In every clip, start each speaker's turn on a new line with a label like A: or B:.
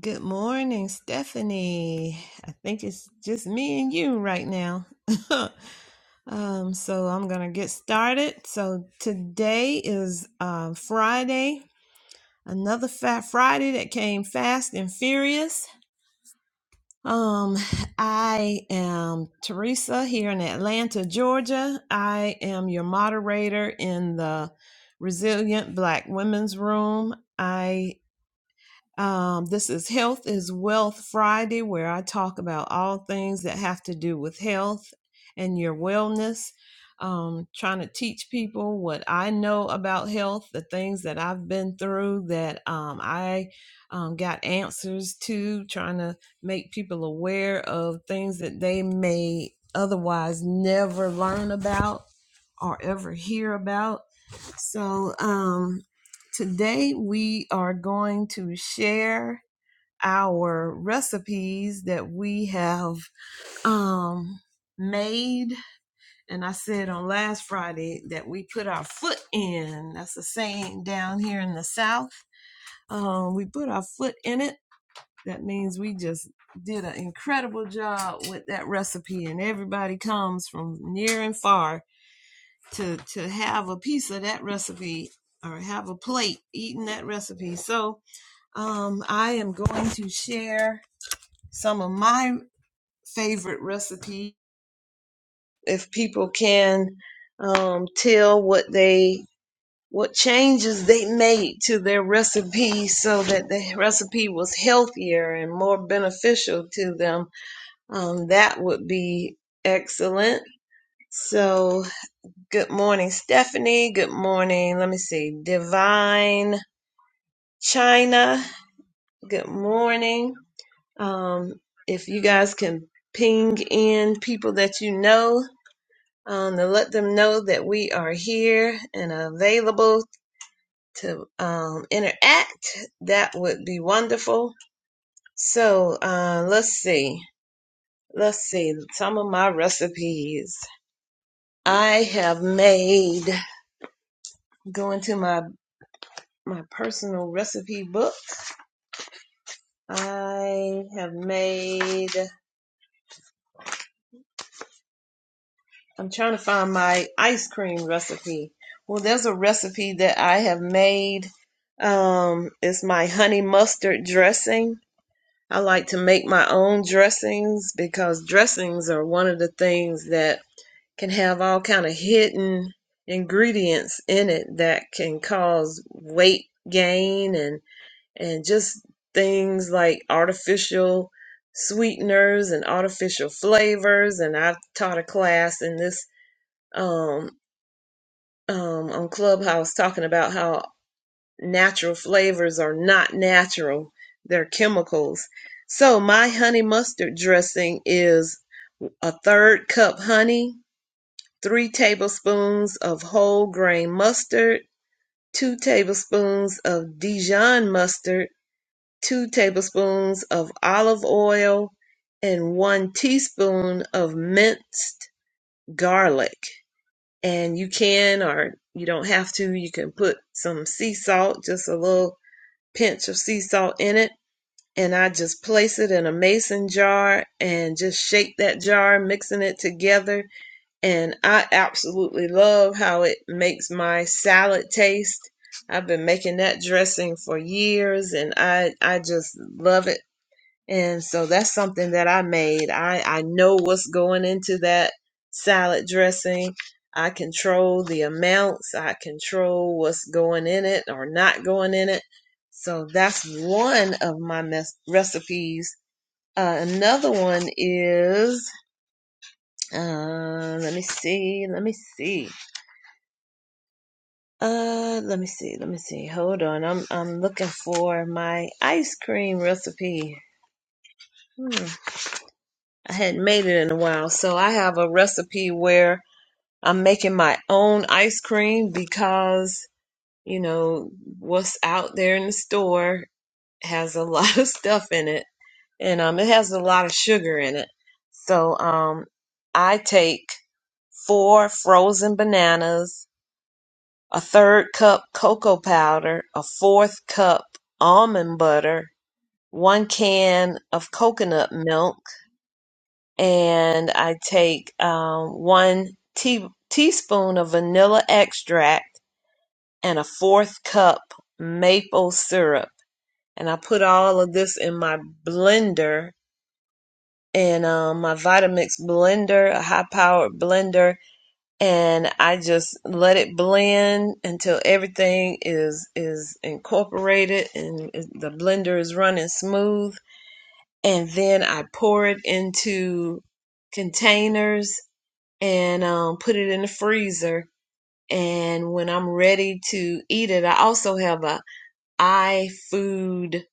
A: Good morning, Stephanie. I think it's just me and you right now. um, so I'm going to get started. So today is um, Friday, another Fat Friday that came fast and furious. Um, I am Teresa here in Atlanta, Georgia. I am your moderator in the Resilient Black Women's Room. I Um, this is Health is Wealth Friday, where I talk about all things that have to do with health and your wellness. Um, trying to teach people what I know about health, the things that I've been through that um, I um, got answers to, trying to make people aware of things that they may otherwise never learn about or ever hear about. So um, today we are going to share our recipes that we have um, made. And I said on last Friday that we put our foot in. That's a saying down here in the South. Um, we put our foot in it. That means we just did an incredible job with that recipe, and everybody comes from near and far to to have a piece of that recipe or have a plate eating that recipe. So um, I am going to share some of my favorite recipes if people can um, tell what they what changes they made to their recipe so that the recipe was healthier and more beneficial to them. Um, that would be excellent. So Good morning, Stephanie. Good morning. Let me see. Divine China. Good morning. Um, if you guys can ping in people that you know um, to let them know that we are here and available to um, interact, that would be wonderful. So uh, let's see. Let's see. Some of my recipes I have made. Going to my my personal recipe book I have made, I'm trying to find my ice cream recipe. Well, there's a recipe that I have made. Um, it's my honey mustard dressing. I like to make my own dressings because dressings are one of the things that can have all kind of hidden ingredients in it that can cause weight gain and. and just things like artificial sweeteners and artificial flavors. And I taught a class in this um, um, on Clubhouse talking about how natural flavors are not natural, they're chemicals. So, my honey mustard dressing is a third cup honey, three tablespoons of whole grain mustard, two tablespoons of Dijon mustard 2 tablespoons of olive oil, and 1 teaspoon of minced garlic. And you can, or you don't have to, you can put some sea salt, just a little pinch of sea salt in it. And I just place it in a mason jar and just shake that jar, mixing it together. And I absolutely love how it makes my salad taste. I've been making that dressing for years and I I just love it and so that's something that I made. I, I know what's going into that salad dressing. I control the amounts. I control what's going in it or not going in it. So that's one of my mes- recipes. Uh, another one is, uh, let me see, let me see, uh, let me see, let me see. Hold on, I'm I'm looking for my ice cream recipe. Hmm. I hadn't made it in a while. So I have a recipe where I'm making my own ice cream because, you know, what's out there in the store has a lot of stuff in it and um it has a lot of sugar in it. So um I take four frozen bananas, a third cup cocoa powder, a fourth cup almond butter, one can of coconut milk, and I take um, one tea, teaspoon of vanilla extract and a fourth cup maple syrup. And I put all of this in my blender, in um, my Vitamix blender, a high powered blender, and I just let it blend until everything is is incorporated and is- the blender is running smooth. And then I pour it into containers and um, put it in the freezer. And when I'm ready to eat it, I also have a iFood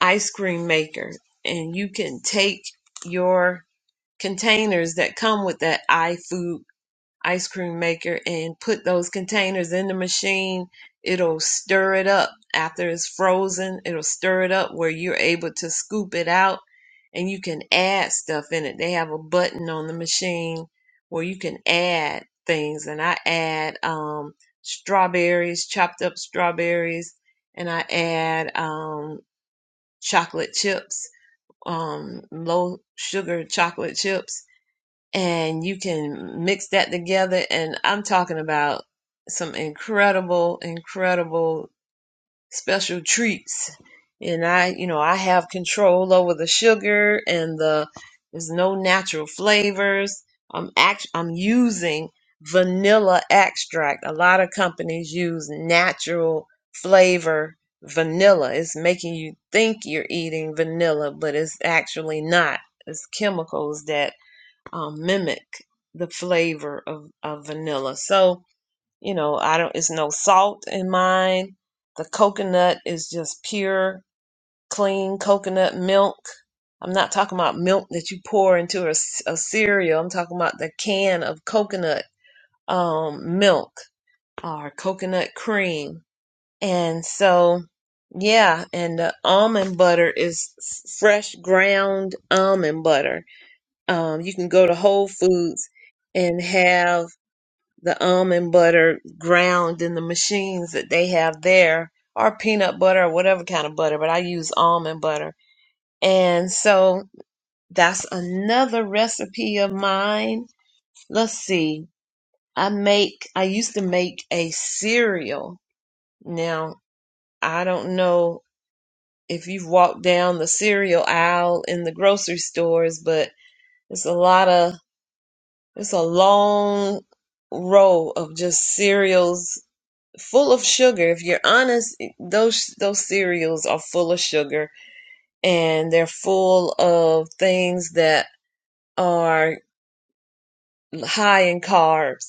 A: ice cream maker, and you can take your containers that come with that iFood ice cream maker and put those containers in the machine, it'll stir it up after it's frozen. It'll stir it up where you're able to scoop it out and you can add stuff in it. They have a button on the machine where you can add things. And I add um, strawberries, chopped up strawberries, and I add um, chocolate chips, um, low sugar chocolate chips and you can mix that together. And I'm talking about some incredible, incredible special treats. And I, you know, I have control over the sugar and the there's no natural flavors. I'm act I'm using vanilla extract. A lot of companies use natural flavor vanilla. It's making you think you're eating vanilla, but it's actually not. It's chemicals that um, mimic the flavor of, of vanilla. So, you know, I don't, it's no salt in mine. The coconut is just pure, clean coconut milk. I'm not talking about milk that you pour into a a cereal. I'm talking about the can of coconut um, milk or coconut cream. And so, yeah, and the almond butter is fresh ground almond butter um, you can go to Whole Foods and have the almond butter ground in the machines that they have there, or peanut butter or whatever kind of butter, but I use almond butter. And so that's another recipe of mine. Let's see. I make, I used to make a cereal. Now, I don't know if you've walked down the cereal aisle in the grocery stores, but it's a lot of It's a long row of just cereals full of sugar. If you're honest, those those cereals are full of sugar and they're full of things that are high in carbs.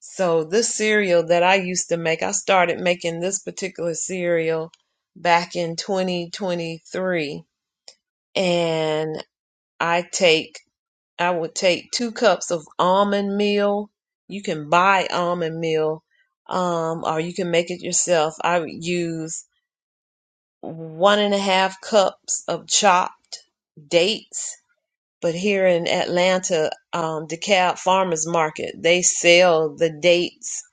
A: So this cereal that I used to make, I started making this particular cereal back in 2023 and I take I would take two cups of almond meal. You can buy almond meal, um, or you can make it yourself. I would use one and a half cups of chopped dates. But here in Atlanta, um, DeKalb Farmers Market, they sell the dates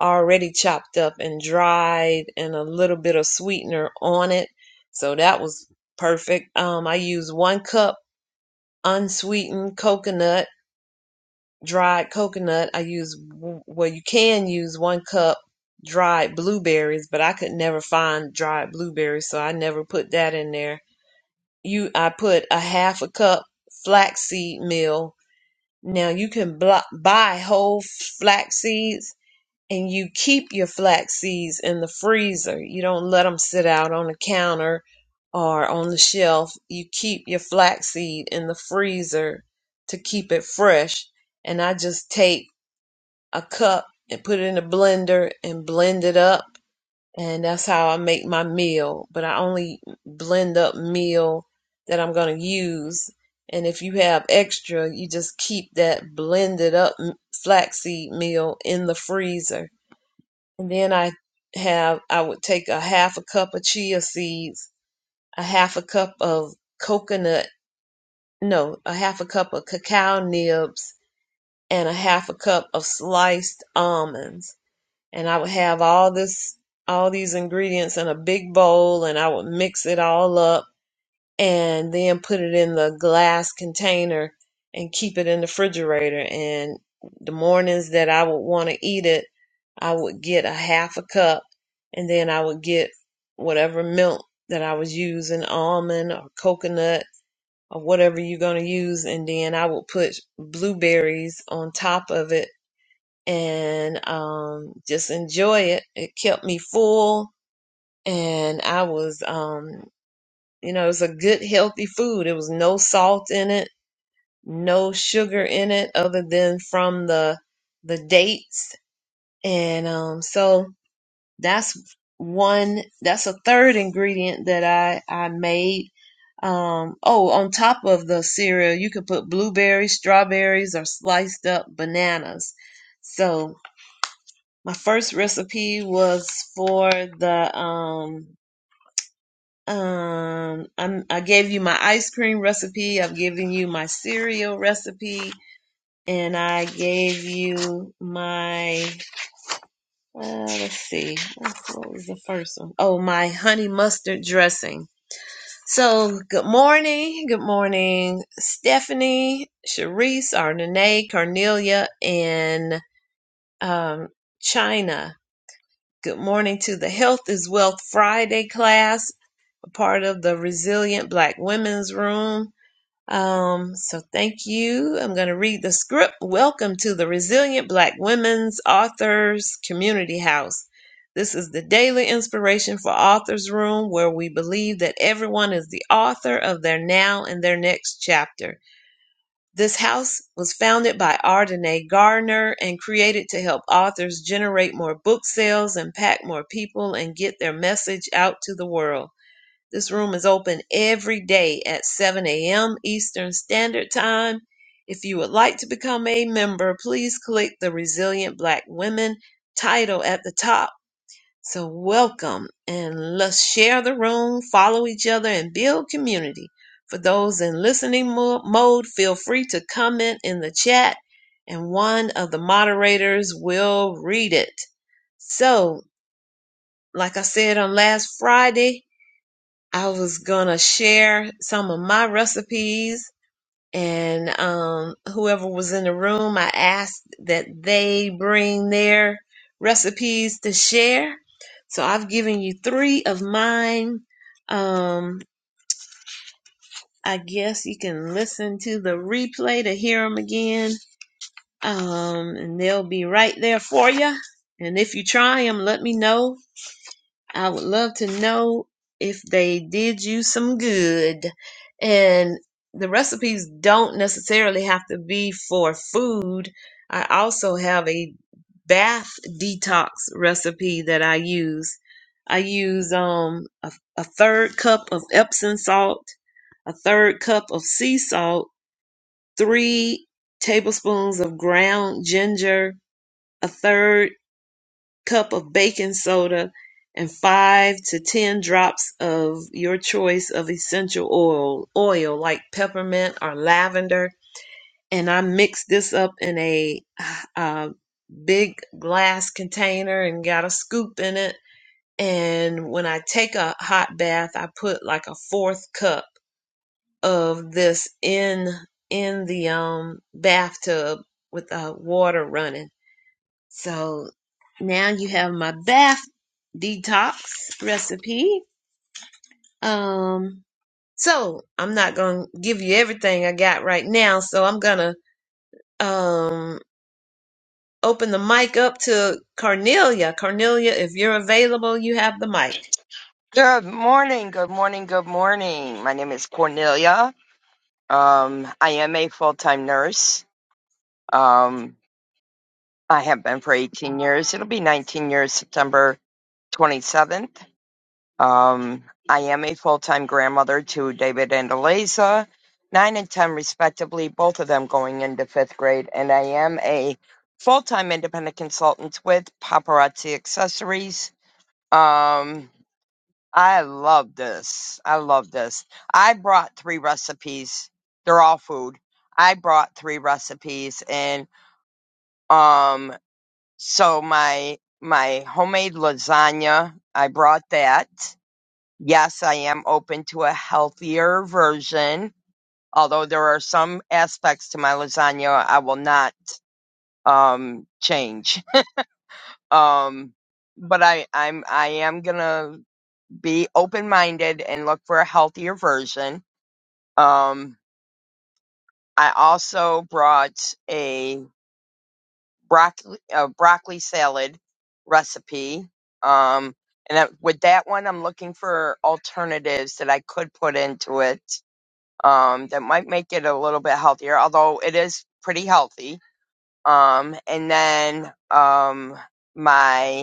A: already chopped up and dried and a little bit of sweetener on it. So that was perfect. Um, I used one cup unsweetened coconut dried coconut. I use well, you can use one cup dried blueberries, but I could never find dried blueberries, so I never put that in there. You, I put a half a cup flaxseed meal. Now you can blo- buy whole flax seeds, and you keep your flax seeds in the freezer. You don't let them sit out on the counter or on the shelf. You keep your flaxseed in the freezer to keep it fresh. And I just take a cup and put it in a blender and blend it up. And that's how I make my meal. But I only blend up meal that I'm going to use. And if you have extra, you just keep that blended up flaxseed meal in the freezer. And then I have, I would take a half a cup of chia seeds, a half a cup of coconut, no, a half a cup of cacao nibs, and a half a cup of sliced almonds and I would have all this all these ingredients in a big bowl and I would mix it all up and then put it in the glass container and keep it in the refrigerator and the mornings that I would want to eat it I would get a half a cup and then I would get whatever milk that I was using almond or coconut or whatever you're going to use and then I would put blueberries on top of it and um, just enjoy it. It kept me full, and I was, um, you know, it was a good, healthy food. There was no salt in it, no sugar in it, other than from the the dates, and um, so that's one. That's a third ingredient that I I made. Um, oh, on top of the cereal, you could put blueberries, strawberries, or sliced up bananas. So my first recipe was for the um um i I gave you my ice cream recipe. I've given you my cereal recipe, and I gave you my uh, let's see what was the first one? Oh, my honey mustard dressing. So good morning, good morning, Stephanie, Sharice, Arnene, Cornelia, and um China. Good morning to the Health is Wealth Friday class, a part of the Resilient Black Women's Room. Um, so thank you. I'm going to read the script. Welcome to the Resilient Black Women's Authors Community House. This is the daily inspiration for Authors Room, where we believe that everyone is the author of their now and their next chapter. This house was founded by Ardenae Gardner and created to help authors generate more book sales, impact more people, and get their message out to the world. This room is open every day at 7 a.m. Eastern Standard Time. If you would like to become a member, please click the Resilient Black Women title at the top so, welcome and let's share the room, follow each other, and build community. For those in listening mo- mode, feel free to comment in the chat and one of the moderators will read it. So, like I said on last Friday, I was going to share some of my recipes and um, whoever was in the room, I asked that they bring their recipes to share. So I've given you three of mine. Um, I guess you can listen to the replay to hear them again, um, and they'll be right there for you. And if you try them, let me know I would love to know if they did you some good. And the recipes don't necessarily have to be for food. I also have a bath detox recipe that I use. I use um a, a third cup of Epsom salt, a third cup of sea salt, 3 tablespoons of ground ginger, a third cup of baking soda and 5 to 10 drops of your choice of essential oil oil like peppermint or lavender and I mixed this up in a uh, big glass container and got a scoop in it and when I take a hot bath I put like a fourth cup of this in in the um bathtub with uh, water running so now you have my bath detox recipe. Um, so I'm not gonna give you everything I got right now. So I'm gonna um open the mic up to Cornelia. Cornelia, if you're available, you have the mic.
B: Good morning, good morning, good morning. My name is Cornelia. Um, I am a full-time nurse. Um, I have been for 18 years. It'll be 19 years September 27th. Um, I am a full-time grandmother to David and Eliza, 9 and 10 respectively, both of them going into 5th grade. And I am a full-time independent consultant with Paparazzi Accessories. Um, I love this. I love this. I brought three recipes. They're all food. I brought three recipes and um so my my homemade lasagna, I brought that. Yes, I am open to a healthier version, although there are some aspects to my lasagna I will not um change. Um but I I'm I am going to be open-minded and look for a healthier version Um, I also brought a broccoli, a broccoli salad recipe. Um, and that, with that one, I'm looking for alternatives that I could put into it um, that might make it a little bit healthier, although it is pretty healthy. Um, and then um, my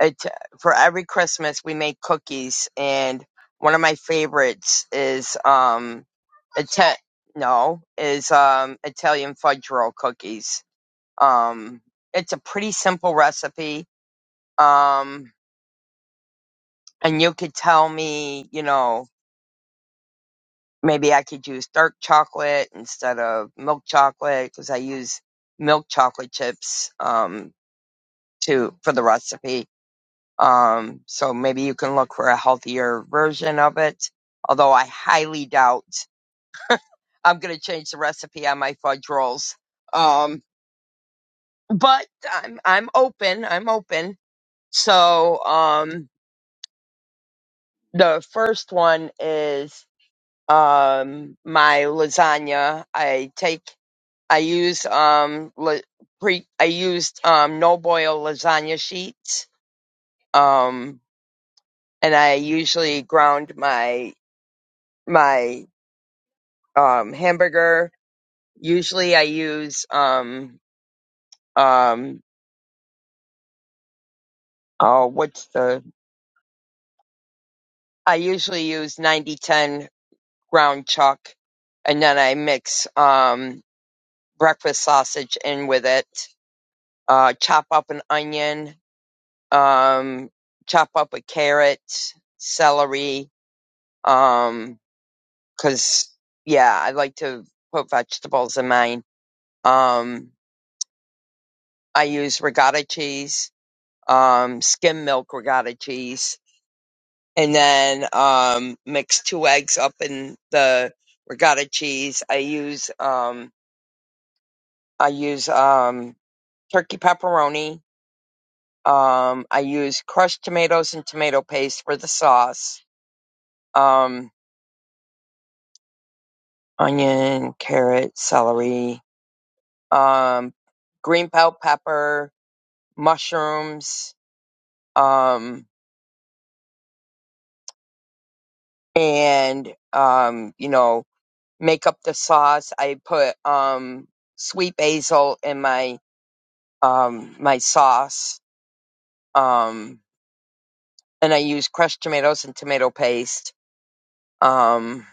B: it for every Christmas we make cookies, and one of my favorites is um, Ita- no is um Italian fudge roll cookies. Um, it's a pretty simple recipe. Um, and you could tell me, you know, maybe I could use dark chocolate instead of milk chocolate because I use milk chocolate chips um to for the recipe Um, so maybe you can look for a healthier version of it. Although I highly doubt I'm going to change the recipe on my fudge rolls. Um, but I'm I'm open. I'm open. So um, the first one is um, my lasagna. I take I use um la- pre I used um no boil lasagna sheets. Um, and I usually ground my my um, hamburger. Usually I use, um, um, oh, what's the, I usually use ninety ten ground chuck and then I mix, um, breakfast sausage in with it. Uh, chop up an onion, um, chop up a carrot, celery, um, 'cause yeah, I like to put vegetables in mine. Um, I use regatta cheese, um, skim milk regatta cheese and then um, mix two eggs up in the ricotta cheese. I use um, I use um, turkey pepperoni. Um, I use crushed tomatoes and tomato paste for the sauce. Um, onion, carrot, celery, um, green bell pepper, mushrooms, um, and um, you know, make up the sauce. I put um, sweet basil in my um, my sauce, um, and I use crushed tomatoes and tomato paste, um,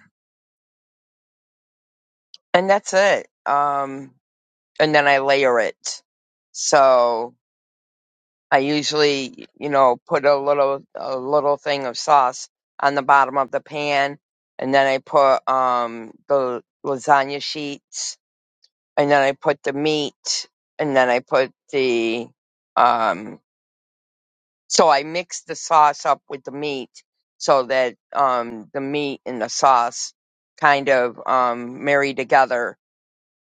B: and that's it. Um, and then I layer it. So I usually, you know, put a little a little thing of sauce on the bottom of the pan, and then I put um, the lasagna sheets, and then I put the meat, and then I put the um, So I mix the sauce up with the meat so that um, the meat and the sauce kind of um, marry together.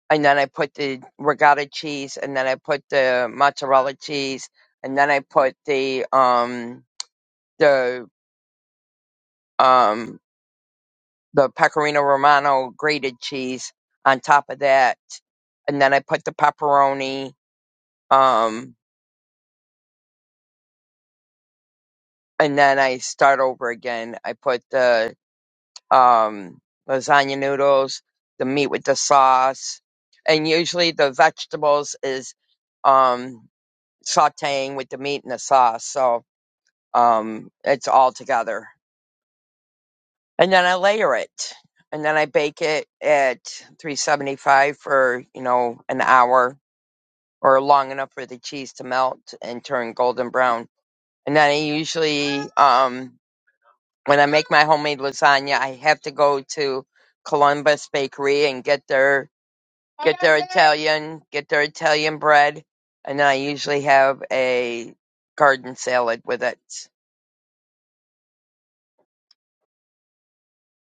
B: And then I put the regatta cheese, and then I put the mozzarella cheese, and then I put the um, the um, the pecorino romano grated cheese on top of that, and then I put the pepperoni, um, and then I start over again. I put the um, lasagna noodles, the meat with the sauce, and usually the vegetables is um, sautéing with the meat and the sauce. So um, it's all together, and then I layer it, and then I bake it at 375 for you know an hour or long enough for the cheese to melt and turn golden brown. And then I usually, um, when I make my homemade lasagna, I have to go to Columbus Bakery and get their get their Italian, get their Italian bread, and I usually have a garden salad with it.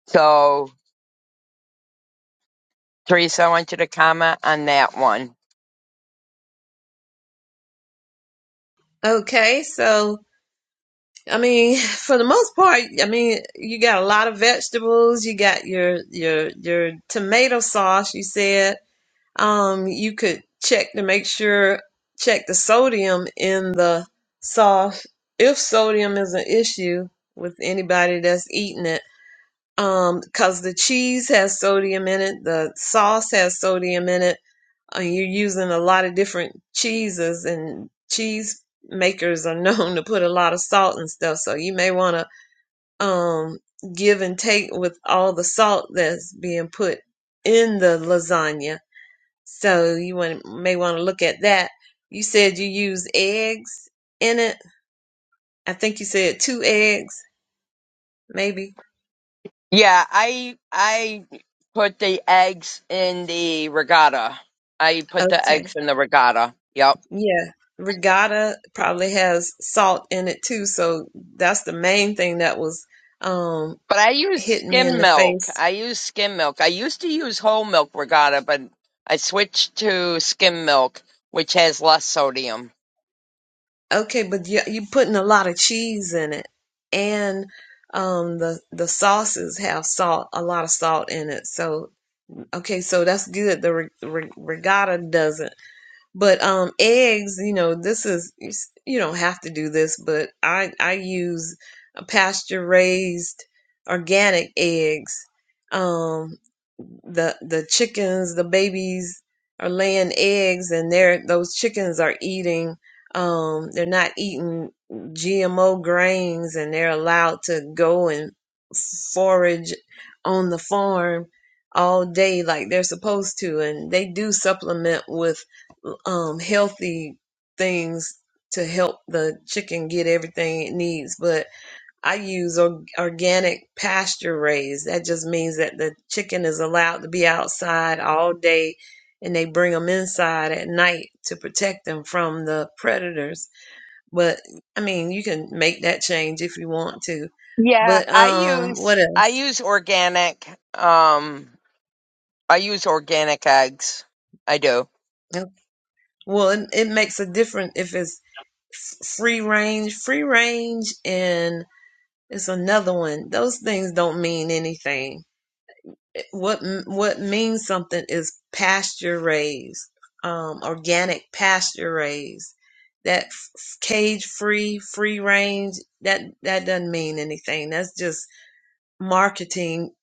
B: So, Teresa, I want you to comment on that one.
A: Okay, so I mean, for the most part, I mean, you got a lot of vegetables. You got your your your tomato sauce. You said. um, you could check to make sure check the sodium in the sauce if sodium is an issue with anybody that's eating it um because the cheese has sodium in it the sauce has sodium in it uh, you're using a lot of different cheeses and cheese makers are known to put a lot of salt and stuff so you may want to um give and take with all the salt that's being put in the lasagna so you want, may want to look at that. You said you use eggs in it. I think you said two eggs, maybe.
B: Yeah, I I put the eggs in the regatta. I put the
A: Okay.
B: eggs in the regatta. Yep.
A: Yeah. Regatta probably has salt in it too. So that's the main thing that was um,
B: But I use
A: hitting me in
B: skim
A: the
B: milk.
A: face.
B: I use skim milk. I used to use whole milk regatta, but I switched to skim milk, which has less sodium.
A: Okay, but you, you're putting a lot of cheese in it, and um, the the sauces have salt, a lot of salt in it. So okay, so that's good. The re, re, regatta doesn't. But um, eggs, you know, this is you s- you don't have to do this, but I I use pasture raised organic eggs. Um, the the chickens, the babies are laying eggs, and they're those chickens are eating. Um, they're not eating GMO grains, and they're allowed to go and forage on the farm all day like they're supposed to, and they do supplement with um, healthy things to help the chicken get everything it needs. But I use or- organic pasture raised. That just means that the chicken is allowed to be outside all day and they bring them inside at night to protect them from the predators. But I mean, you can make that change if you want to.
B: Yeah,
A: But
B: I
A: um,
B: use
A: what
B: I
A: else?
B: use organic. Um, I use organic eggs. I do.
A: Yep. Well, it, it makes a difference if it's f- free range. Free range and It's another one. Those things don't mean anything. What what means something is pasture raised, um, organic pasture raised. That cage free, free range. That that doesn't mean anything. That's just marketing.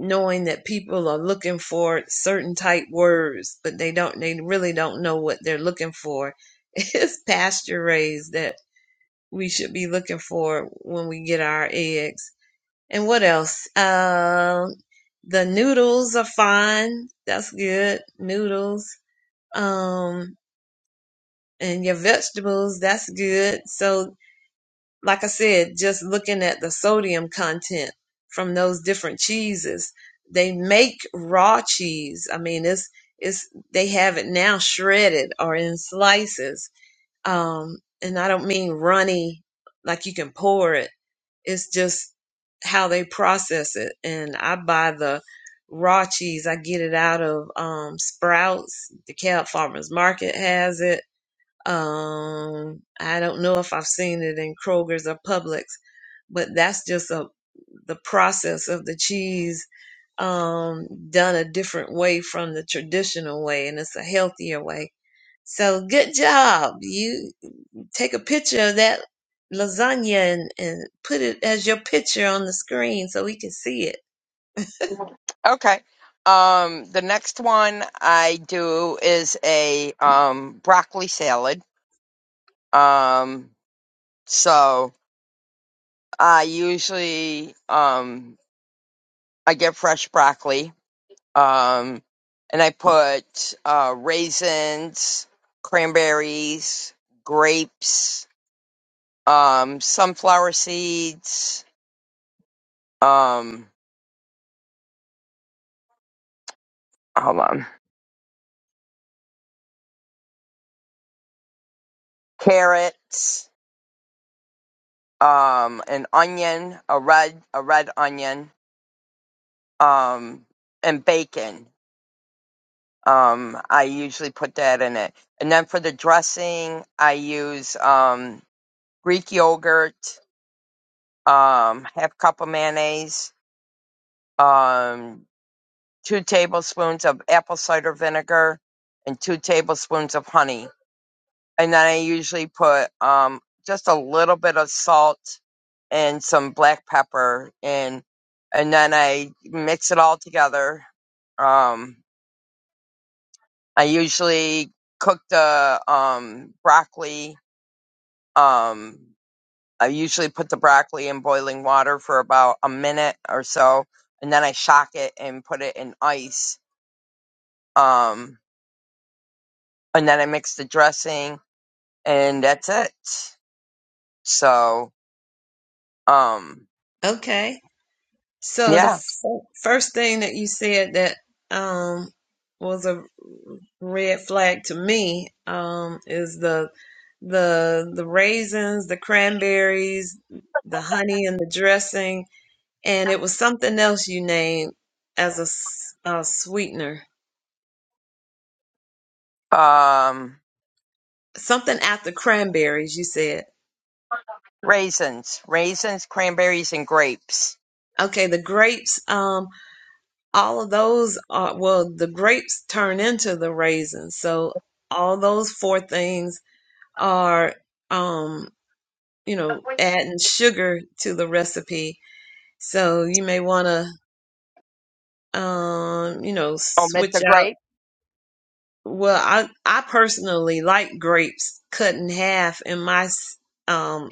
A: Knowing that people are looking for certain type words, but they don't. They really don't know what they're looking for. It's pasture raised that we should be looking for when we get our eggs and what else? Um, the noodles are fine. That's good. Noodles. Um, and your vegetables, that's good. So, like I said, just looking at the sodium content from those different cheeses, they make raw cheese. I mean, it's, it's, they have it now shredded or in slices. Um, and I don't mean runny, like you can pour it. It's just how they process it. And I buy the raw cheese. I get it out of um, Sprouts. The Cab Farmers Market has it. Um, I don't know if I've seen it in Kroger's or Publix, but that's just a the process of the cheese um, done a different way from the traditional way, and it's a healthier way. So good job, you take a picture of that lasagna and, and put it as your picture on the screen so we can see it.
B: Okay. Um, the next one I do is a um broccoli salad. Um, so I usually um I get fresh broccoli. Um, and I put uh raisins, cranberries, grapes, um, sunflower seeds. um hold on carrots um an onion a red a red onion um and bacon um i usually put that in it and then for the dressing i use um greek yogurt um half cup of mayonnaise um two tablespoons of apple cider vinegar and two tablespoons of honey and then I usually put um just a little bit of salt and some black pepper in, and then I mix it all together. Um, I usually cook the um broccoli. Um, I usually put the broccoli in boiling water for about a minute or so, and then I shock it and put it in ice. Um, and then I mix the dressing, and that's it. So, um,
A: Okay. So the
B: yeah
A: f- first thing that you said that um, was a red flag to me um, is the the the raisins, the cranberries, the honey, and the dressing, and it was something else you named as a, s- a sweetener.
B: Um,
A: Something after cranberries, you said.
B: raisins, raisins, cranberries, and grapes.
A: Okay, the grapes. Um, all of those are well, the grapes turn into the raisins. So all those four things are um, you know adding sugar to the recipe so you may want to um, you know
B: Omit the
A: switch out
B: grape.
A: well i i personally like grapes cut in half in my s- um,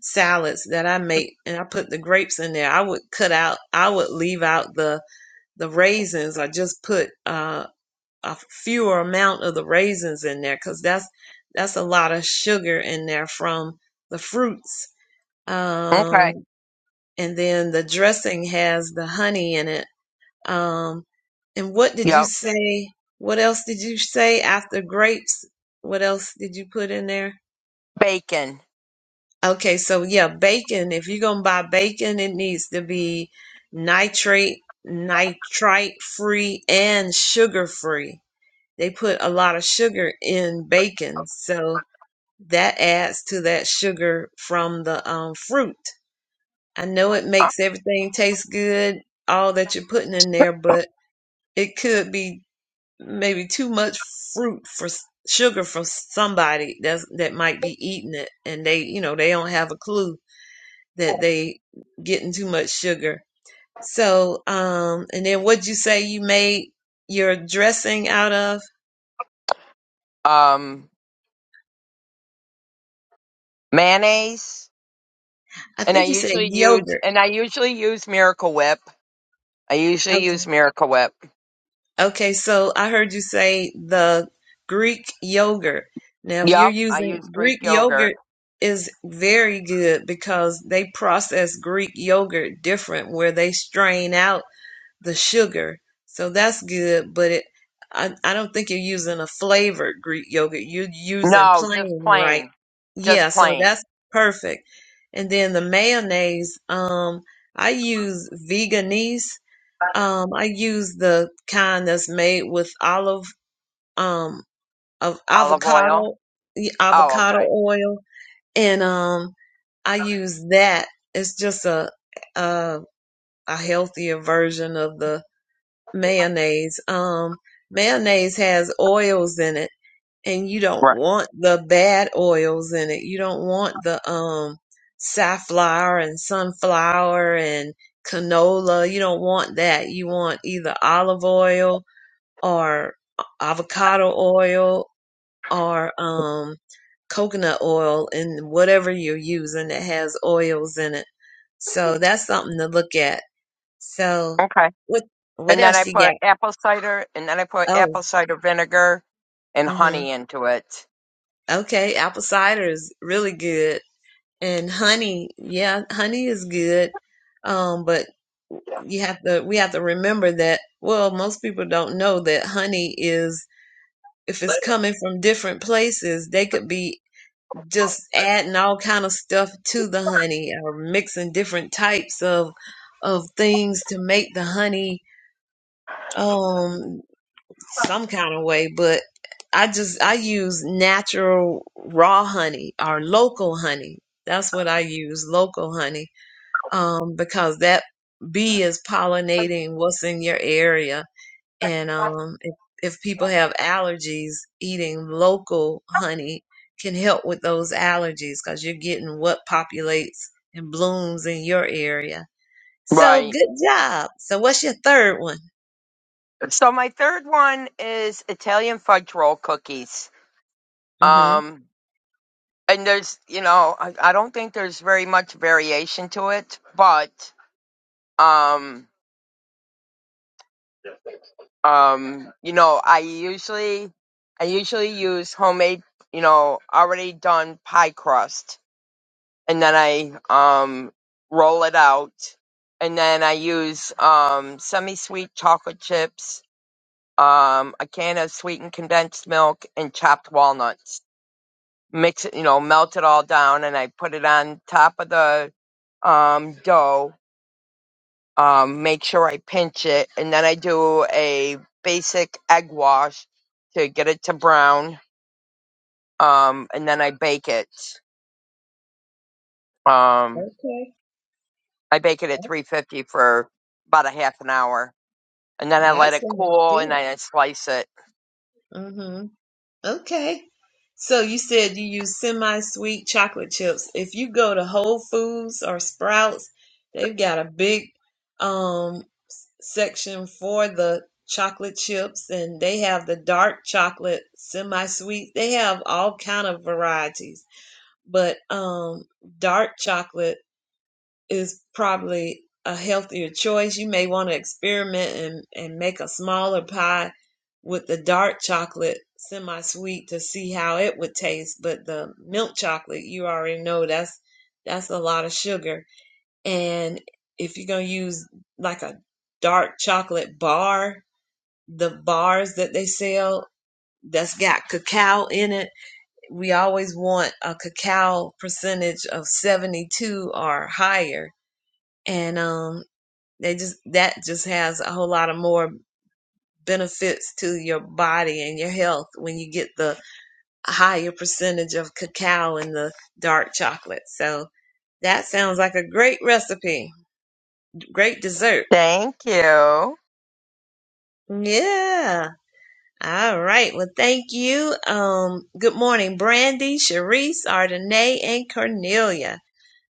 A: salads that i make and i put the grapes in there i would cut out i would leave out the the raisins i just put uh, a fewer amount of the raisins in there because that's that's a lot of sugar in there from the fruits
B: Okay.
A: Um, and then the dressing has the honey in it. Um, and what did you
B: Yep.
A: say? What else did you say after grapes? What else did you put in there?
B: Bacon.
A: Okay, so yeah, bacon. If you're gonna buy bacon, it needs to be nitrate, nitrite free, and sugar free. They put a lot of sugar in bacon, so that adds to that sugar from the um, fruit. I know it makes everything taste good, all that you're putting in there, but it could be maybe too much fruit for sugar for somebody that's, that might be eating it and they, you know, they don't have a clue that they getting too much sugar. So, um, and then what'd you say you made your dressing out of?
B: Um, mayonnaise.
A: I
B: And I
A: think you said
B: usually use,
A: yogurt.
B: and I usually use Miracle Whip. I usually
A: Okay.
B: use Miracle Whip.
A: Okay, so I heard you say the Greek yogurt. Now, if you're
B: Yep. I
A: using
B: use Greek
A: Greek
B: yogurt.
A: yogurt is very good because they process Greek yogurt different where they strain out the sugar. So that's good, but it I, I don't think you're using a flavored Greek yogurt. You're using
B: No, just
A: plain, right?
B: plain.
A: Yeah,
B: Just
A: so
B: plain.
A: that's perfect. And then the mayonnaise, um, I use veganese um, I use the kind that's made with olive um of
B: Olive oil.
A: avocado y-
B: Oh,
A: avocado
B: okay.
A: oil and um I use that. It's just a a, a healthier version of the mayonnaise. Um mayonnaise has oils in it and you don't
B: Right.
A: want the bad oils in it. You don't want the um safflower and sunflower and canola. You don't want that. You want either olive oil or avocado oil or um, coconut oil and whatever you're using that has oils in it. So that's something to look at. So
B: Okay.
A: what what
B: And then I
A: else you
B: put
A: got?
B: apple cider, and then I put
A: Oh,
B: apple cider vinegar and
A: hmm
B: honey into it.
A: okay, apple cider is really good, and honey, yeah, honey is good. Um, but you have to we have to remember that. Well, most people don't know that honey is if it's coming from different places, they could be just adding all kind of stuff to the honey or mixing different types of of things to make the honey um some kind of way but i just i use natural raw honey or local honey that's what i use local honey um because that bee is pollinating what's in your area and um, if, if people have allergies, eating local honey can help with those allergies because you're getting what populates and blooms in your area. So
B: Right.
A: good job. So what's your third one?
B: So my third one is Italian fudge roll cookies.
A: hmm
B: Um, and there's, you know, I, I don't think there's very much variation to it, but um, um, you know, I usually, I usually use homemade, you know, already done pie crust, and then I um roll it out, and then I use um semi-sweet chocolate chips, um, a can of sweetened condensed milk, and chopped walnuts mix it, you know, melt it all down, and I put it on top of the um, dough. Um, make sure I pinch it, and then I do a basic egg wash to get it to brown, um, and then I bake it. Um,
A: Okay.
B: I bake it at 350 for about a half an hour, and then I
A: That
B: let it
A: sounds
B: cool, and
A: good.
B: then I slice it.
A: hmm Okay. So you said you use semi-sweet chocolate chips. If you go to Whole Foods or Sprouts, they've got a big um section for the chocolate chips and they have the dark chocolate semi-sweet they have all kind of varieties but um dark chocolate is probably a healthier choice you may want to experiment and and make a smaller pie with the dark chocolate semi-sweet to see how it would taste but the milk chocolate you already know that's that's a lot of sugar and if you're going to use like a dark chocolate bar, the bars that they sell that's got cacao in it, we always want a cacao percentage of 72 or higher. And um, they just that just has a whole lot of more benefits to your body and your health when you get the higher percentage of cacao in the dark chocolate. So that sounds like a great recipe, great dessert.
B: Thank you.
A: Yeah. All right. Well, thank you. Um, good morning, Brandy, Sharice, Ardenae, and Cornelia.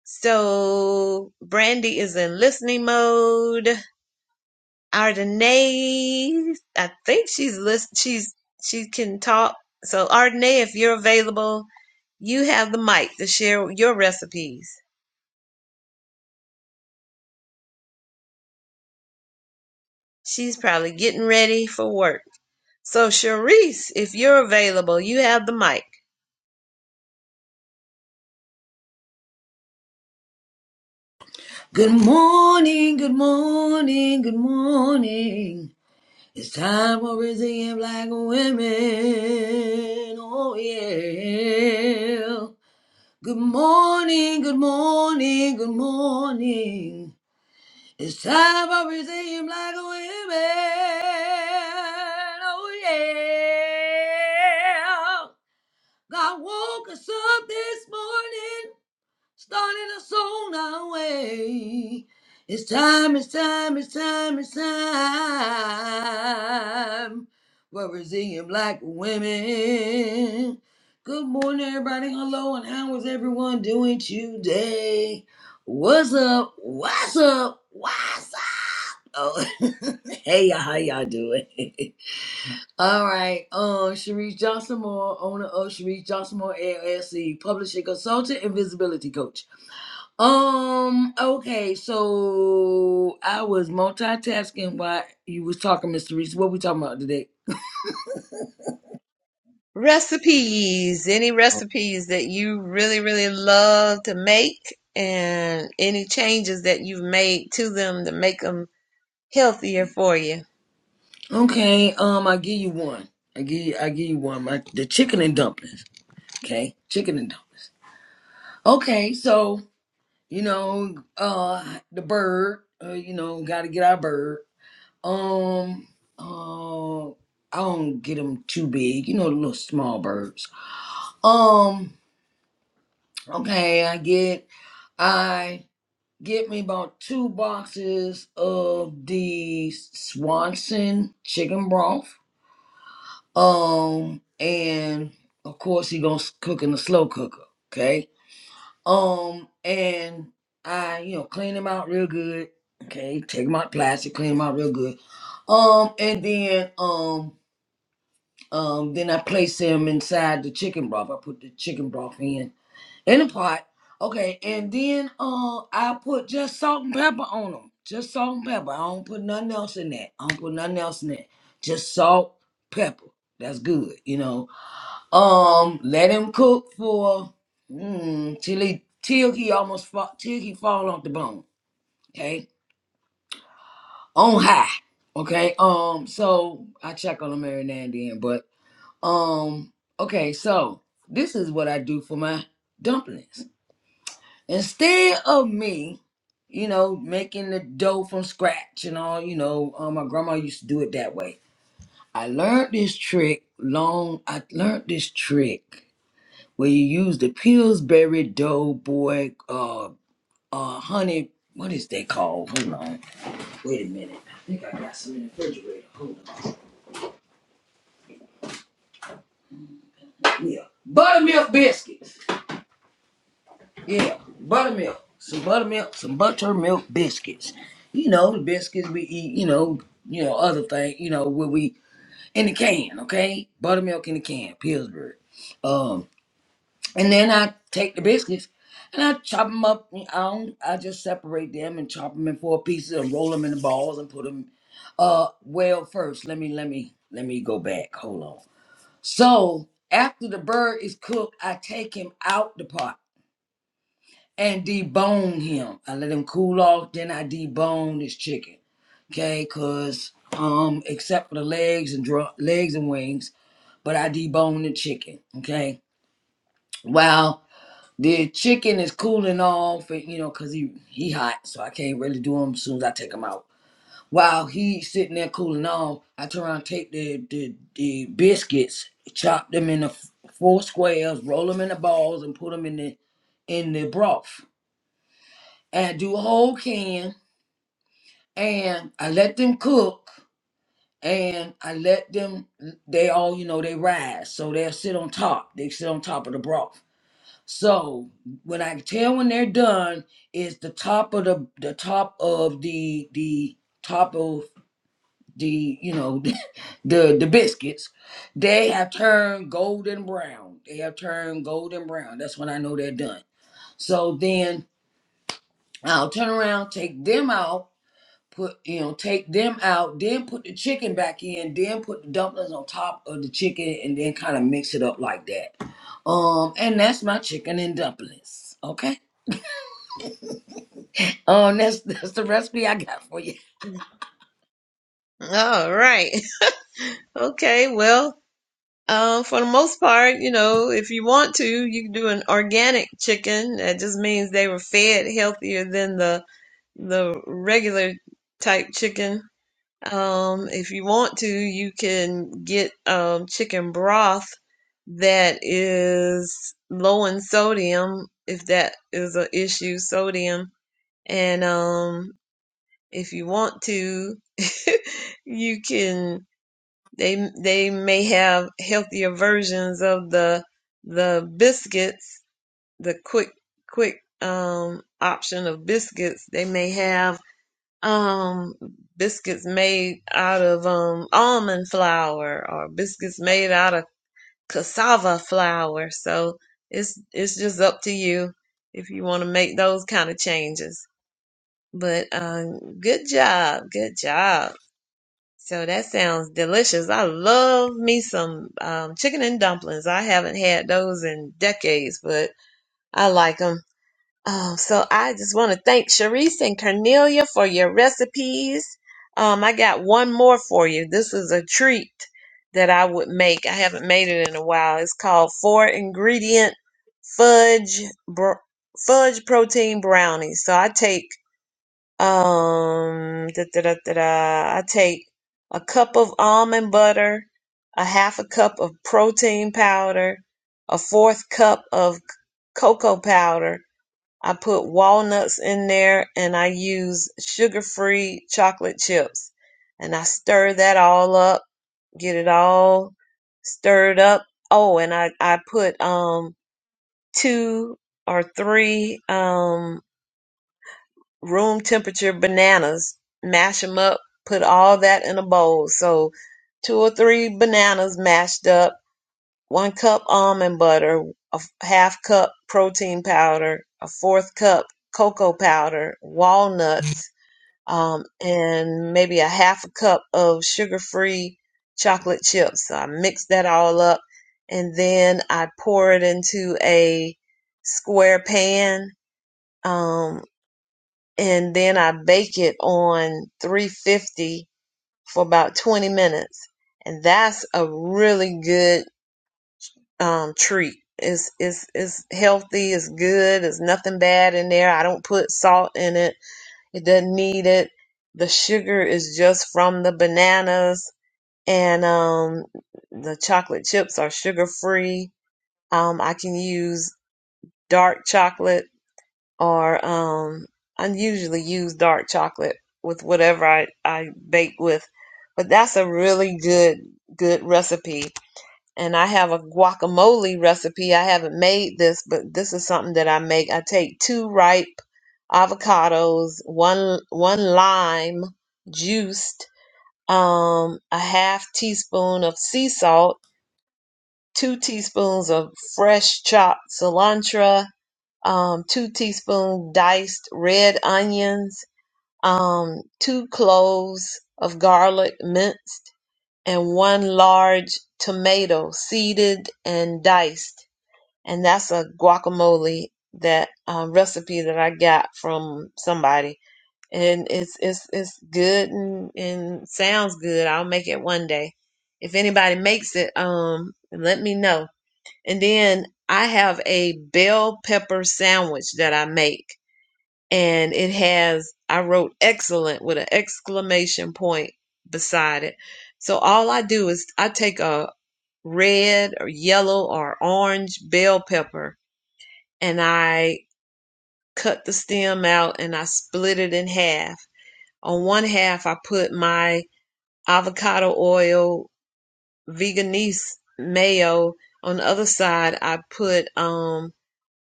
A: So Brandy is in listening mode. Ardenae, I think she's list. She's she can talk. So Ardenae, if you're available, you have the mic to share your recipes. She's probably getting ready for work. So Sharice, if you're available, you have the mic.
C: Good morning, good morning, good morning. It's time for Brazilian black women. Oh, yeah. Good morning, good morning, good morning. It's time for Brazilian black women. Oh, yeah. God woke us up this morning starting us on our way. It's time, it's time, it's time, it's time. We're resilient black women. Good morning, everybody. Hello, and how is everyone doing today? What's up? What's up? What's up? Oh, hey, y'all, how y'all doing? All right, um, Sharice Johnson Moore, owner of Sharice Johnson Moore LLC, publishing consultant and visibility coach. Um. Okay. So I was multitasking while you was talking, Mr. Reese. What we talking about today?
A: recipes any recipes that you really really love to make and any changes that you've made to them to make them healthier for you
C: Okay. Um. I give you one. I give you. I give you one. My the chicken and dumplings. Okay. Chicken and dumplings. Okay. So you know, uh, the bird. Uh, you know, got to get our bird. Um. Uh. I don't get them too big. You know, the little small birds. Um. Okay. I get. I get me about two boxes of the Swanson chicken broth. Um, and of course he gonna cook in the slow cooker. Okay. Um, and I, you know, clean them out real good. Okay, take them out plastic, clean them out real good. Um, and then um um then I place them inside the chicken broth. I put the chicken broth in in the pot. Okay, and then uh, I put just salt and pepper on them. Just salt and pepper. I don't put nothing else in that. I don't put nothing else in that. Just salt, pepper. That's good, you know. Um, let him cook for mm, till he till he almost fall, till he fall off the bone. Okay, on high. Okay. Um, so I check on him every now and then, but um, okay. So this is what I do for my dumplings. instead of me, you know, making the dough from scratch and all, you know, um, my grandma used to do it that way. I learned this trick long. I learned this trick where you use the Pillsbury Doughboy uh uh honey. What is that called? Hold on. Wait a minute. I think I got some in the refrigerator. Hold on. Yeah, buttermilk biscuits. Yeah, buttermilk, some buttermilk, some buttermilk biscuits. You know the biscuits we eat. You know, you know other thing. You know where we in the can, okay? Buttermilk in the can, Pillsbury. Um, and then I take the biscuits and I chop them up. I don't, I just separate them and chop them in four pieces and roll them in the balls and put them. Uh, well, first let me let me let me go back. Hold on. So after the bird is cooked, I take him out the pot and debone him. I let him cool off, then I debone this chicken. Okay, cause um, except for the legs and dr- legs and wings, but I debone the chicken. Okay, while the chicken is cooling off, and you know, cause he he hot, so I can't really do him as soon as I take him out. While he's sitting there cooling off, I turn around, and take the the, the biscuits, chop them into f- four squares, roll them into balls, and put them in the in the broth, and I do a whole can and I let them cook and I let them they all you know they rise so they'll sit on top they sit on top of the broth so when I tell when they're done is the top of the the top of the the top of the you know the the biscuits they have turned golden brown they have turned golden brown that's when I know they're done so then I'll turn around take them out put you know take them out then put the chicken back in then put the dumplings on top of the chicken and then kind of mix it up like that um and that's my chicken and dumplings okay um that's that's the recipe i got for you
A: all right okay well um, for the most part you know if you want to you can do an organic chicken that just means they were fed healthier than the the regular type chicken. Um, if you want to, you can get um, chicken broth that is low in sodium, if that is an issue, sodium. And um, if you want to, you can. They they may have healthier versions of the the biscuits, the quick quick um, option of biscuits. They may have um biscuits made out of um almond flour or biscuits made out of cassava flour so it's it's just up to you if you want to make those kind of changes but um good job good job so that sounds delicious i love me some um chicken and dumplings i haven't had those in decades but i like 'em. Oh, so I just want to thank Sharice and Cornelia for your recipes. Um, I got one more for you. This is a treat that I would make. I haven't made it in a while. It's called four ingredient fudge br- fudge protein brownie. So I take um da, da, da, da, da. I take a cup of almond butter, a half a cup of protein powder, a fourth cup of c- cocoa powder, I put walnuts in there and I use sugar free chocolate chips. And I stir that all up, get it all stirred up. Oh, and I, I put um two or three um room temperature bananas, mash them up, put all that in a bowl. So two or three bananas mashed up one cup almond butter, a f- half cup protein powder, a fourth cup cocoa powder, walnuts, um, and maybe a half a cup of sugar-free chocolate chips. So I mix that all up and then I pour it into a square pan, um, and then I bake it on 350 for about 20 minutes. And that's a really good um treat. It's it's it's healthy, it's good, there's nothing bad in there. I don't put salt in it. It doesn't need it. The sugar is just from the bananas and um the chocolate chips are sugar free. Um I can use dark chocolate or um I usually use dark chocolate with whatever I, I bake with. But that's a really good good recipe and I have a guacamole recipe. I haven't made this, but this is something that I make. I take two ripe avocados, one one lime juiced, um, a half teaspoon of sea salt, two teaspoons of fresh chopped cilantro, um, two teaspoon diced red onions, um, two cloves of garlic minced, and one large tomato seeded and diced and that's a guacamole that um, recipe that I got from somebody, and it's it's it's good and, and sounds good. I'll make it one day. If anybody makes it, um, let me know. And then I have a bell pepper sandwich that I make, and it has I wrote excellent with an exclamation point beside it. So all I do is I take a red or yellow or orange bell pepper and I cut the stem out and I split it in half. On one half, I put my avocado oil veganese mayo. On the other side, I put um,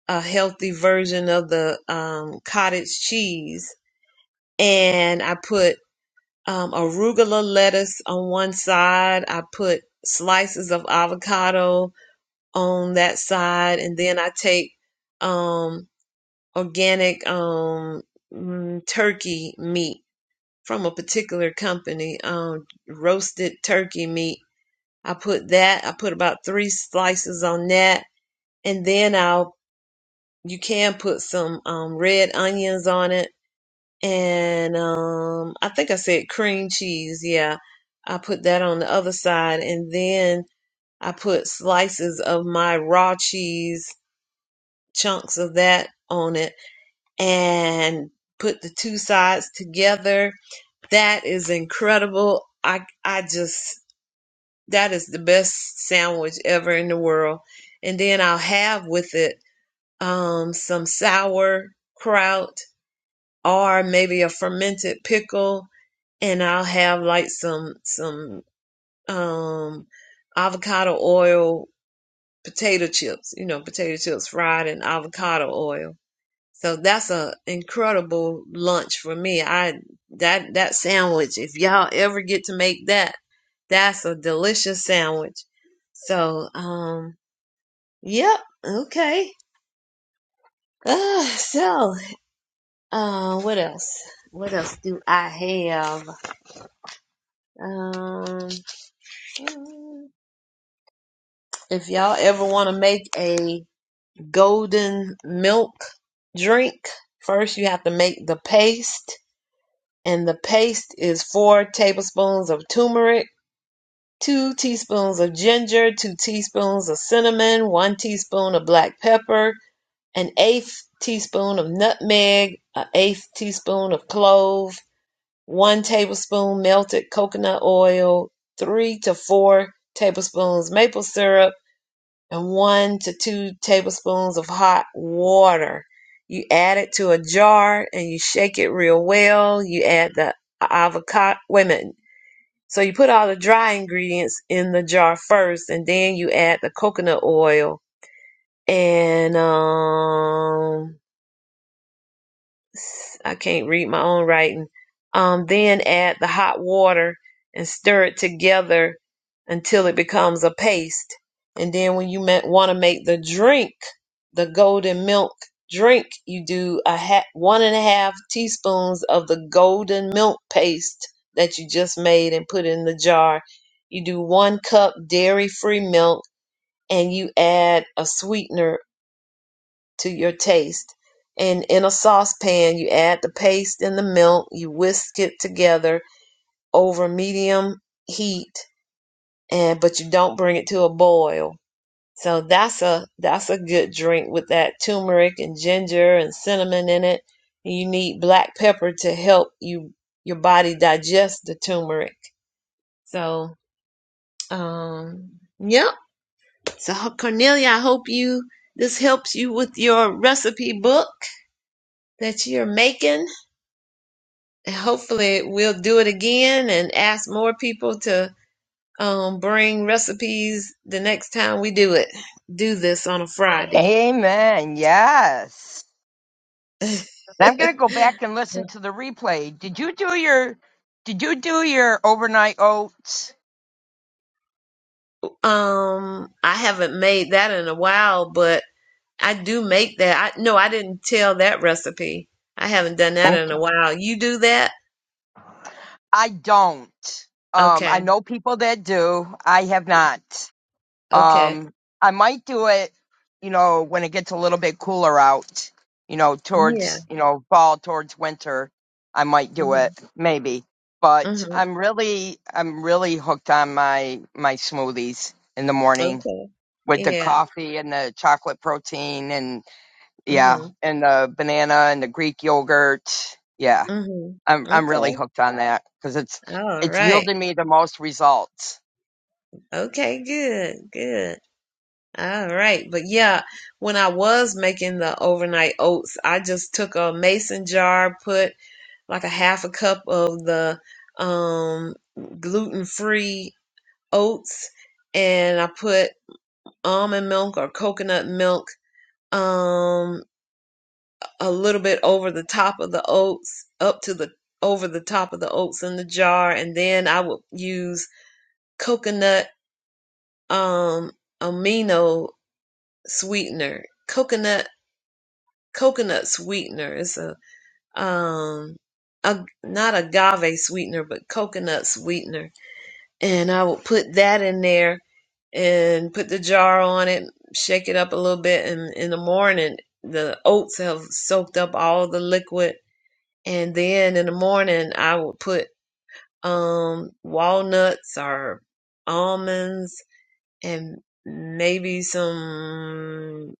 A: a healthy version of the um, cottage cheese, and I put um, arugula lettuce on one side. I put slices of avocado on that side, and then I take um, organic um mm, turkey meat from a particular company um roasted turkey meat i put that i put about three slices on that and then i'll you can put some um red onions on it and um i think i said cream cheese yeah i put that on the other side and then i put slices of my raw cheese chunks of that on it and put the two sides together. That is incredible. I I just that is the best sandwich ever in the world. And then I'll have with it um some sauerkraut or maybe a fermented pickle and I'll have like some some um avocado oil potato chips, you know, potato chips fried in avocado oil So that's a incredible lunch for me. I that that sandwich, if y'all ever get to make that, that's a delicious sandwich. So um yep, okay. Uh, so uh what else? What else do I have? Um if y'all ever want to make a golden milk drink, first you have to make the paste and the paste is four tablespoons of turmeric, two teaspoons of ginger, two teaspoons of cinnamon, one teaspoon of black pepper, an eighth teaspoon of nutmeg, an eighth teaspoon of clove, one tablespoon melted coconut oil, three to four tablespoons maple syrup and one to two tablespoons of hot water. You add it to a jar and you shake it real well. You add the avocado. Wait a minute. So you put all the dry ingredients in the jar first, and then you add the coconut oil and um I can't read my own writing. Um, then add the hot water and stir it together until it becomes a paste. And then when you want to make the drink, the golden milk drink, you do a ha- one and a half teaspoons of the golden milk paste that you just made and put in the jar. You do one cup dairy free milk and you add a sweetener to your taste. And in a saucepan, you add the paste and the milk. You whisk it together over medium heat, and but you don't bring it to a boil. So that's a that's a good drink with that turmeric and ginger and cinnamon in it. And you need black pepper to help you your body digest the turmeric. So um, yep. So Cornelia, I hope you this helps you with your recipe book that you're making hopefully we'll do it again and ask more people to um, bring recipes the next time we do it. Do this on a Friday.
B: Amen. Yes. And I'm going to go back and listen to the replay. Did you do your Did you do your overnight oats?
A: Um, I haven't made that in a while, but I do make that. I no, I didn't tell that recipe. I haven't done that in a while. You do that?
B: I don't. Um, I
A: Okay.
B: know people that do. I have not.
A: Okay.
B: Um, I might do it, you know, when it gets a little bit cooler out, you know,
A: Yeah.
B: towards, you know, fall, towards winter. I might do it,
A: Mhm.
B: maybe. But
A: Mhm.
B: I'm really, I'm really hooked on my, my smoothies in the morning
A: Okay.
B: with the
A: Yeah.
B: coffee and the chocolate protein. and Yeah,
A: Mhm.
B: and the banana and the Greek yogurt. Yeah,
A: Mhm.
B: I'm I'm
A: Okay.
B: really hooked on that because it's
A: All
B: it's
A: right.
B: yielded me the most results.
A: Okay. Good. Good. All right. But yeah, when I was making the overnight oats, I just took a mason jar, put like a half a cup of the um, gluten free oats, and I put almond milk or coconut milk um, a little bit over the top of the oats, up to the over the top of the oats in the jar. And then I would use coconut um, amino sweetener, coconut coconut sweetener. It's a um a not agave sweetener, but coconut sweetener. And I would put that in there and put the jar on it, shake it up a little bit, and in the morning the oats have soaked up all the liquid. And then in the morning I would put um walnuts or almonds and maybe some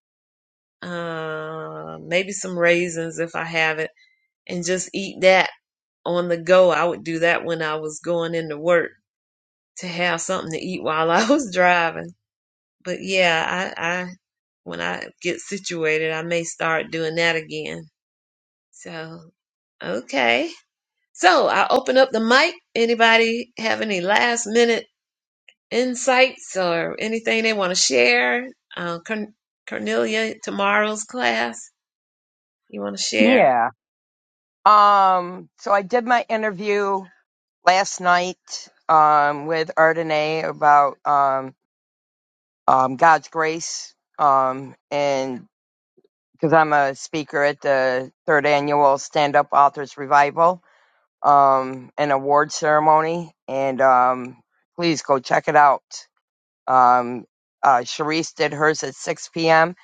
A: uh maybe some raisins if I have it and just eat that on the go. I would do that when I was going into work to have something to eat while I was driving. But yeah, I, I when I get situated, I may start doing that again. So okay. So I open up the mic. Anybody have any last minute insights or anything they want to share? Uh, Corn- Cornelia, tomorrow's class, you want to share?
B: Yeah. Um. So I did my interview last night. Um, with Ardenae about um um God's grace. Um, and because I'm a speaker at the third annual Stand Up Authors Revival, um, an award ceremony, and um, please go check it out. Um, uh, Charisse did hers at 6 p.m.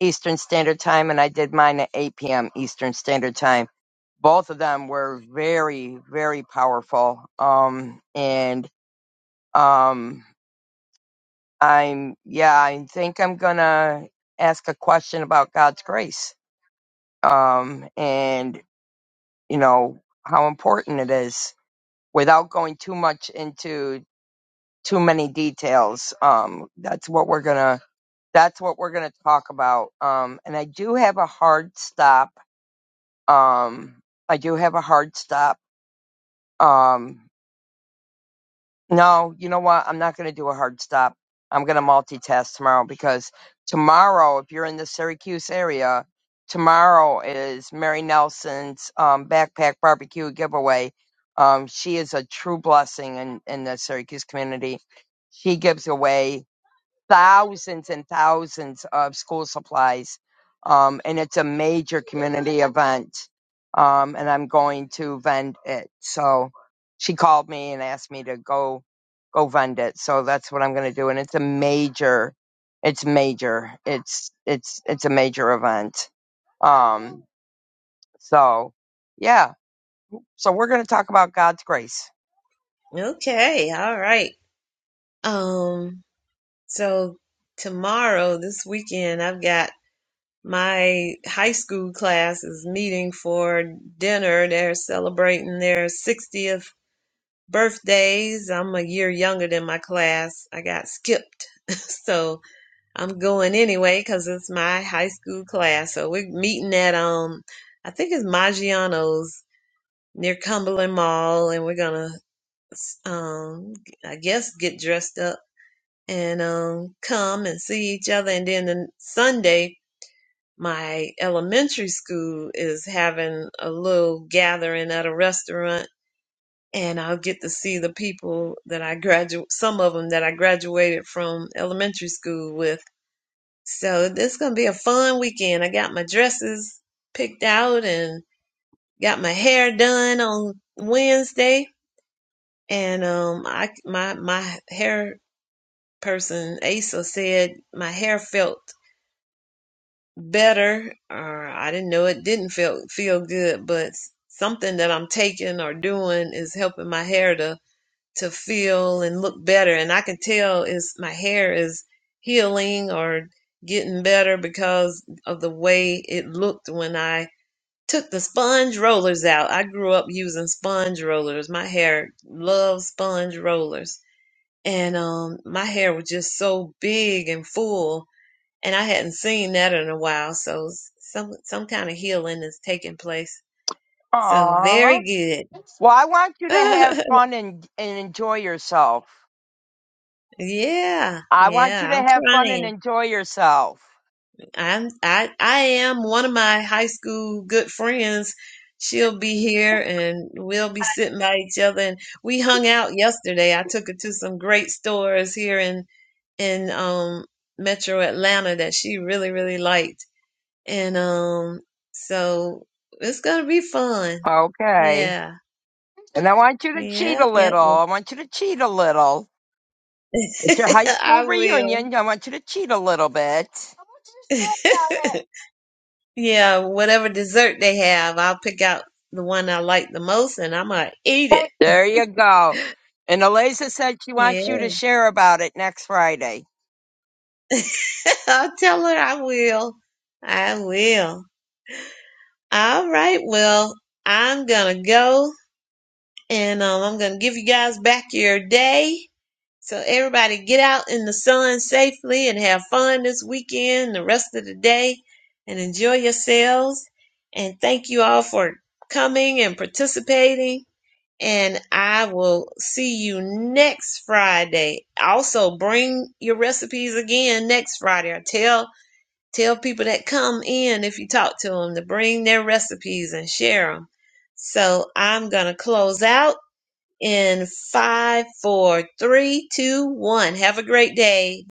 B: Eastern Standard Time, and I did mine at 8 p.m. Eastern Standard Time. Both of them were very, very powerful. Um, and um, I'm, yeah, I think I'm gonna ask a question about God's grace. Um, and you know how important it is without going too much into too many details. Um, that's what we're gonna that's what we're going to talk about. Um, and I do have a hard stop. Um, I do have a hard stop. Um, no, you know what? I'm not going to do a hard stop. I'm going to multitask tomorrow because tomorrow, if you're in the Syracuse area, tomorrow is Mary Nelson's um, backpack barbecue giveaway. Um, she is a true blessing in, in the Syracuse community. She gives away. thousands and thousands of school supplies. Um, and it's a major community event. Um, and I'm going to vend it. So she called me and asked me to go, go vend it. So that's what I'm going to do. And it's a major, it's major. It's, it's, it's a major event. Um, so yeah. So we're going to talk about God's grace.
A: Okay, all right. Um, So tomorrow, this weekend, I've got my high school class is meeting for dinner. They're celebrating their 60th birthdays. I'm a year younger than my class. I got skipped. so I'm going anyway because it's my high school class. So we're meeting at, um, I think it's Maggiano's near Cumberland Mall and we're going to, um, I guess get dressed up and um, come and see each other. And then the Sunday, my elementary school is having a little gathering at a restaurant, and I'll get to see the people that I graduate, some of them that I graduated from elementary school with. So this gonna be a fun weekend. I got my dresses picked out and got my hair done on Wednesday, and um, I my my hair person Asa said my hair felt better. or I didn't know it didn't feel feel good, but something that I'm taking or doing is helping my hair to to feel and look better. And I can tell is my hair is healing or getting better because of the way it looked when I took the sponge rollers out. I grew up using sponge rollers. My hair loves sponge rollers. And um my hair was just so big and full and I hadn't seen that in a while. So s- some some kind of healing is taking place. So
B: Aww.
A: very good.
B: Well, I want you to have fun and, and enjoy yourself.
A: yeah,
B: I want you
A: yeah.
B: to
A: I'm
B: have fun and
A: trying.
B: enjoy yourself.
A: I'm I I am one of my high school good friends. She'll be here and we'll be sitting by each other. And we hung out yesterday. I took her to some great stores here in in um Metro Atlanta that she really really liked And um, so it's gonna be fun.
B: Okay.
A: Yeah.
B: And I want you to cheat a
A: Yep, yep,
B: little.
A: yep.
B: I want you to cheat a little. It's your high school
A: I will.
B: reunion. I want you to cheat a little bit.
A: Yeah, whatever dessert they have, I'll pick out the one I like the most and I'm gonna eat it.
B: There you go. And Eliza said she
A: Yeah,
B: wants you to share about it next Friday.
A: I'll tell her I will. I will. All right, well, I'm gonna go and um, I'm gonna give you guys back your day. So everybody get out in the sun safely and have fun this weekend, the rest of the day, and enjoy yourselves. And thank you all for coming and participating. And I will see you next Friday. Also bring your recipes again next Friday or tell tell people that come in if you talk to them to bring their recipes and share them. So I'm going to close out in five, four, three, two, one. Have a great day.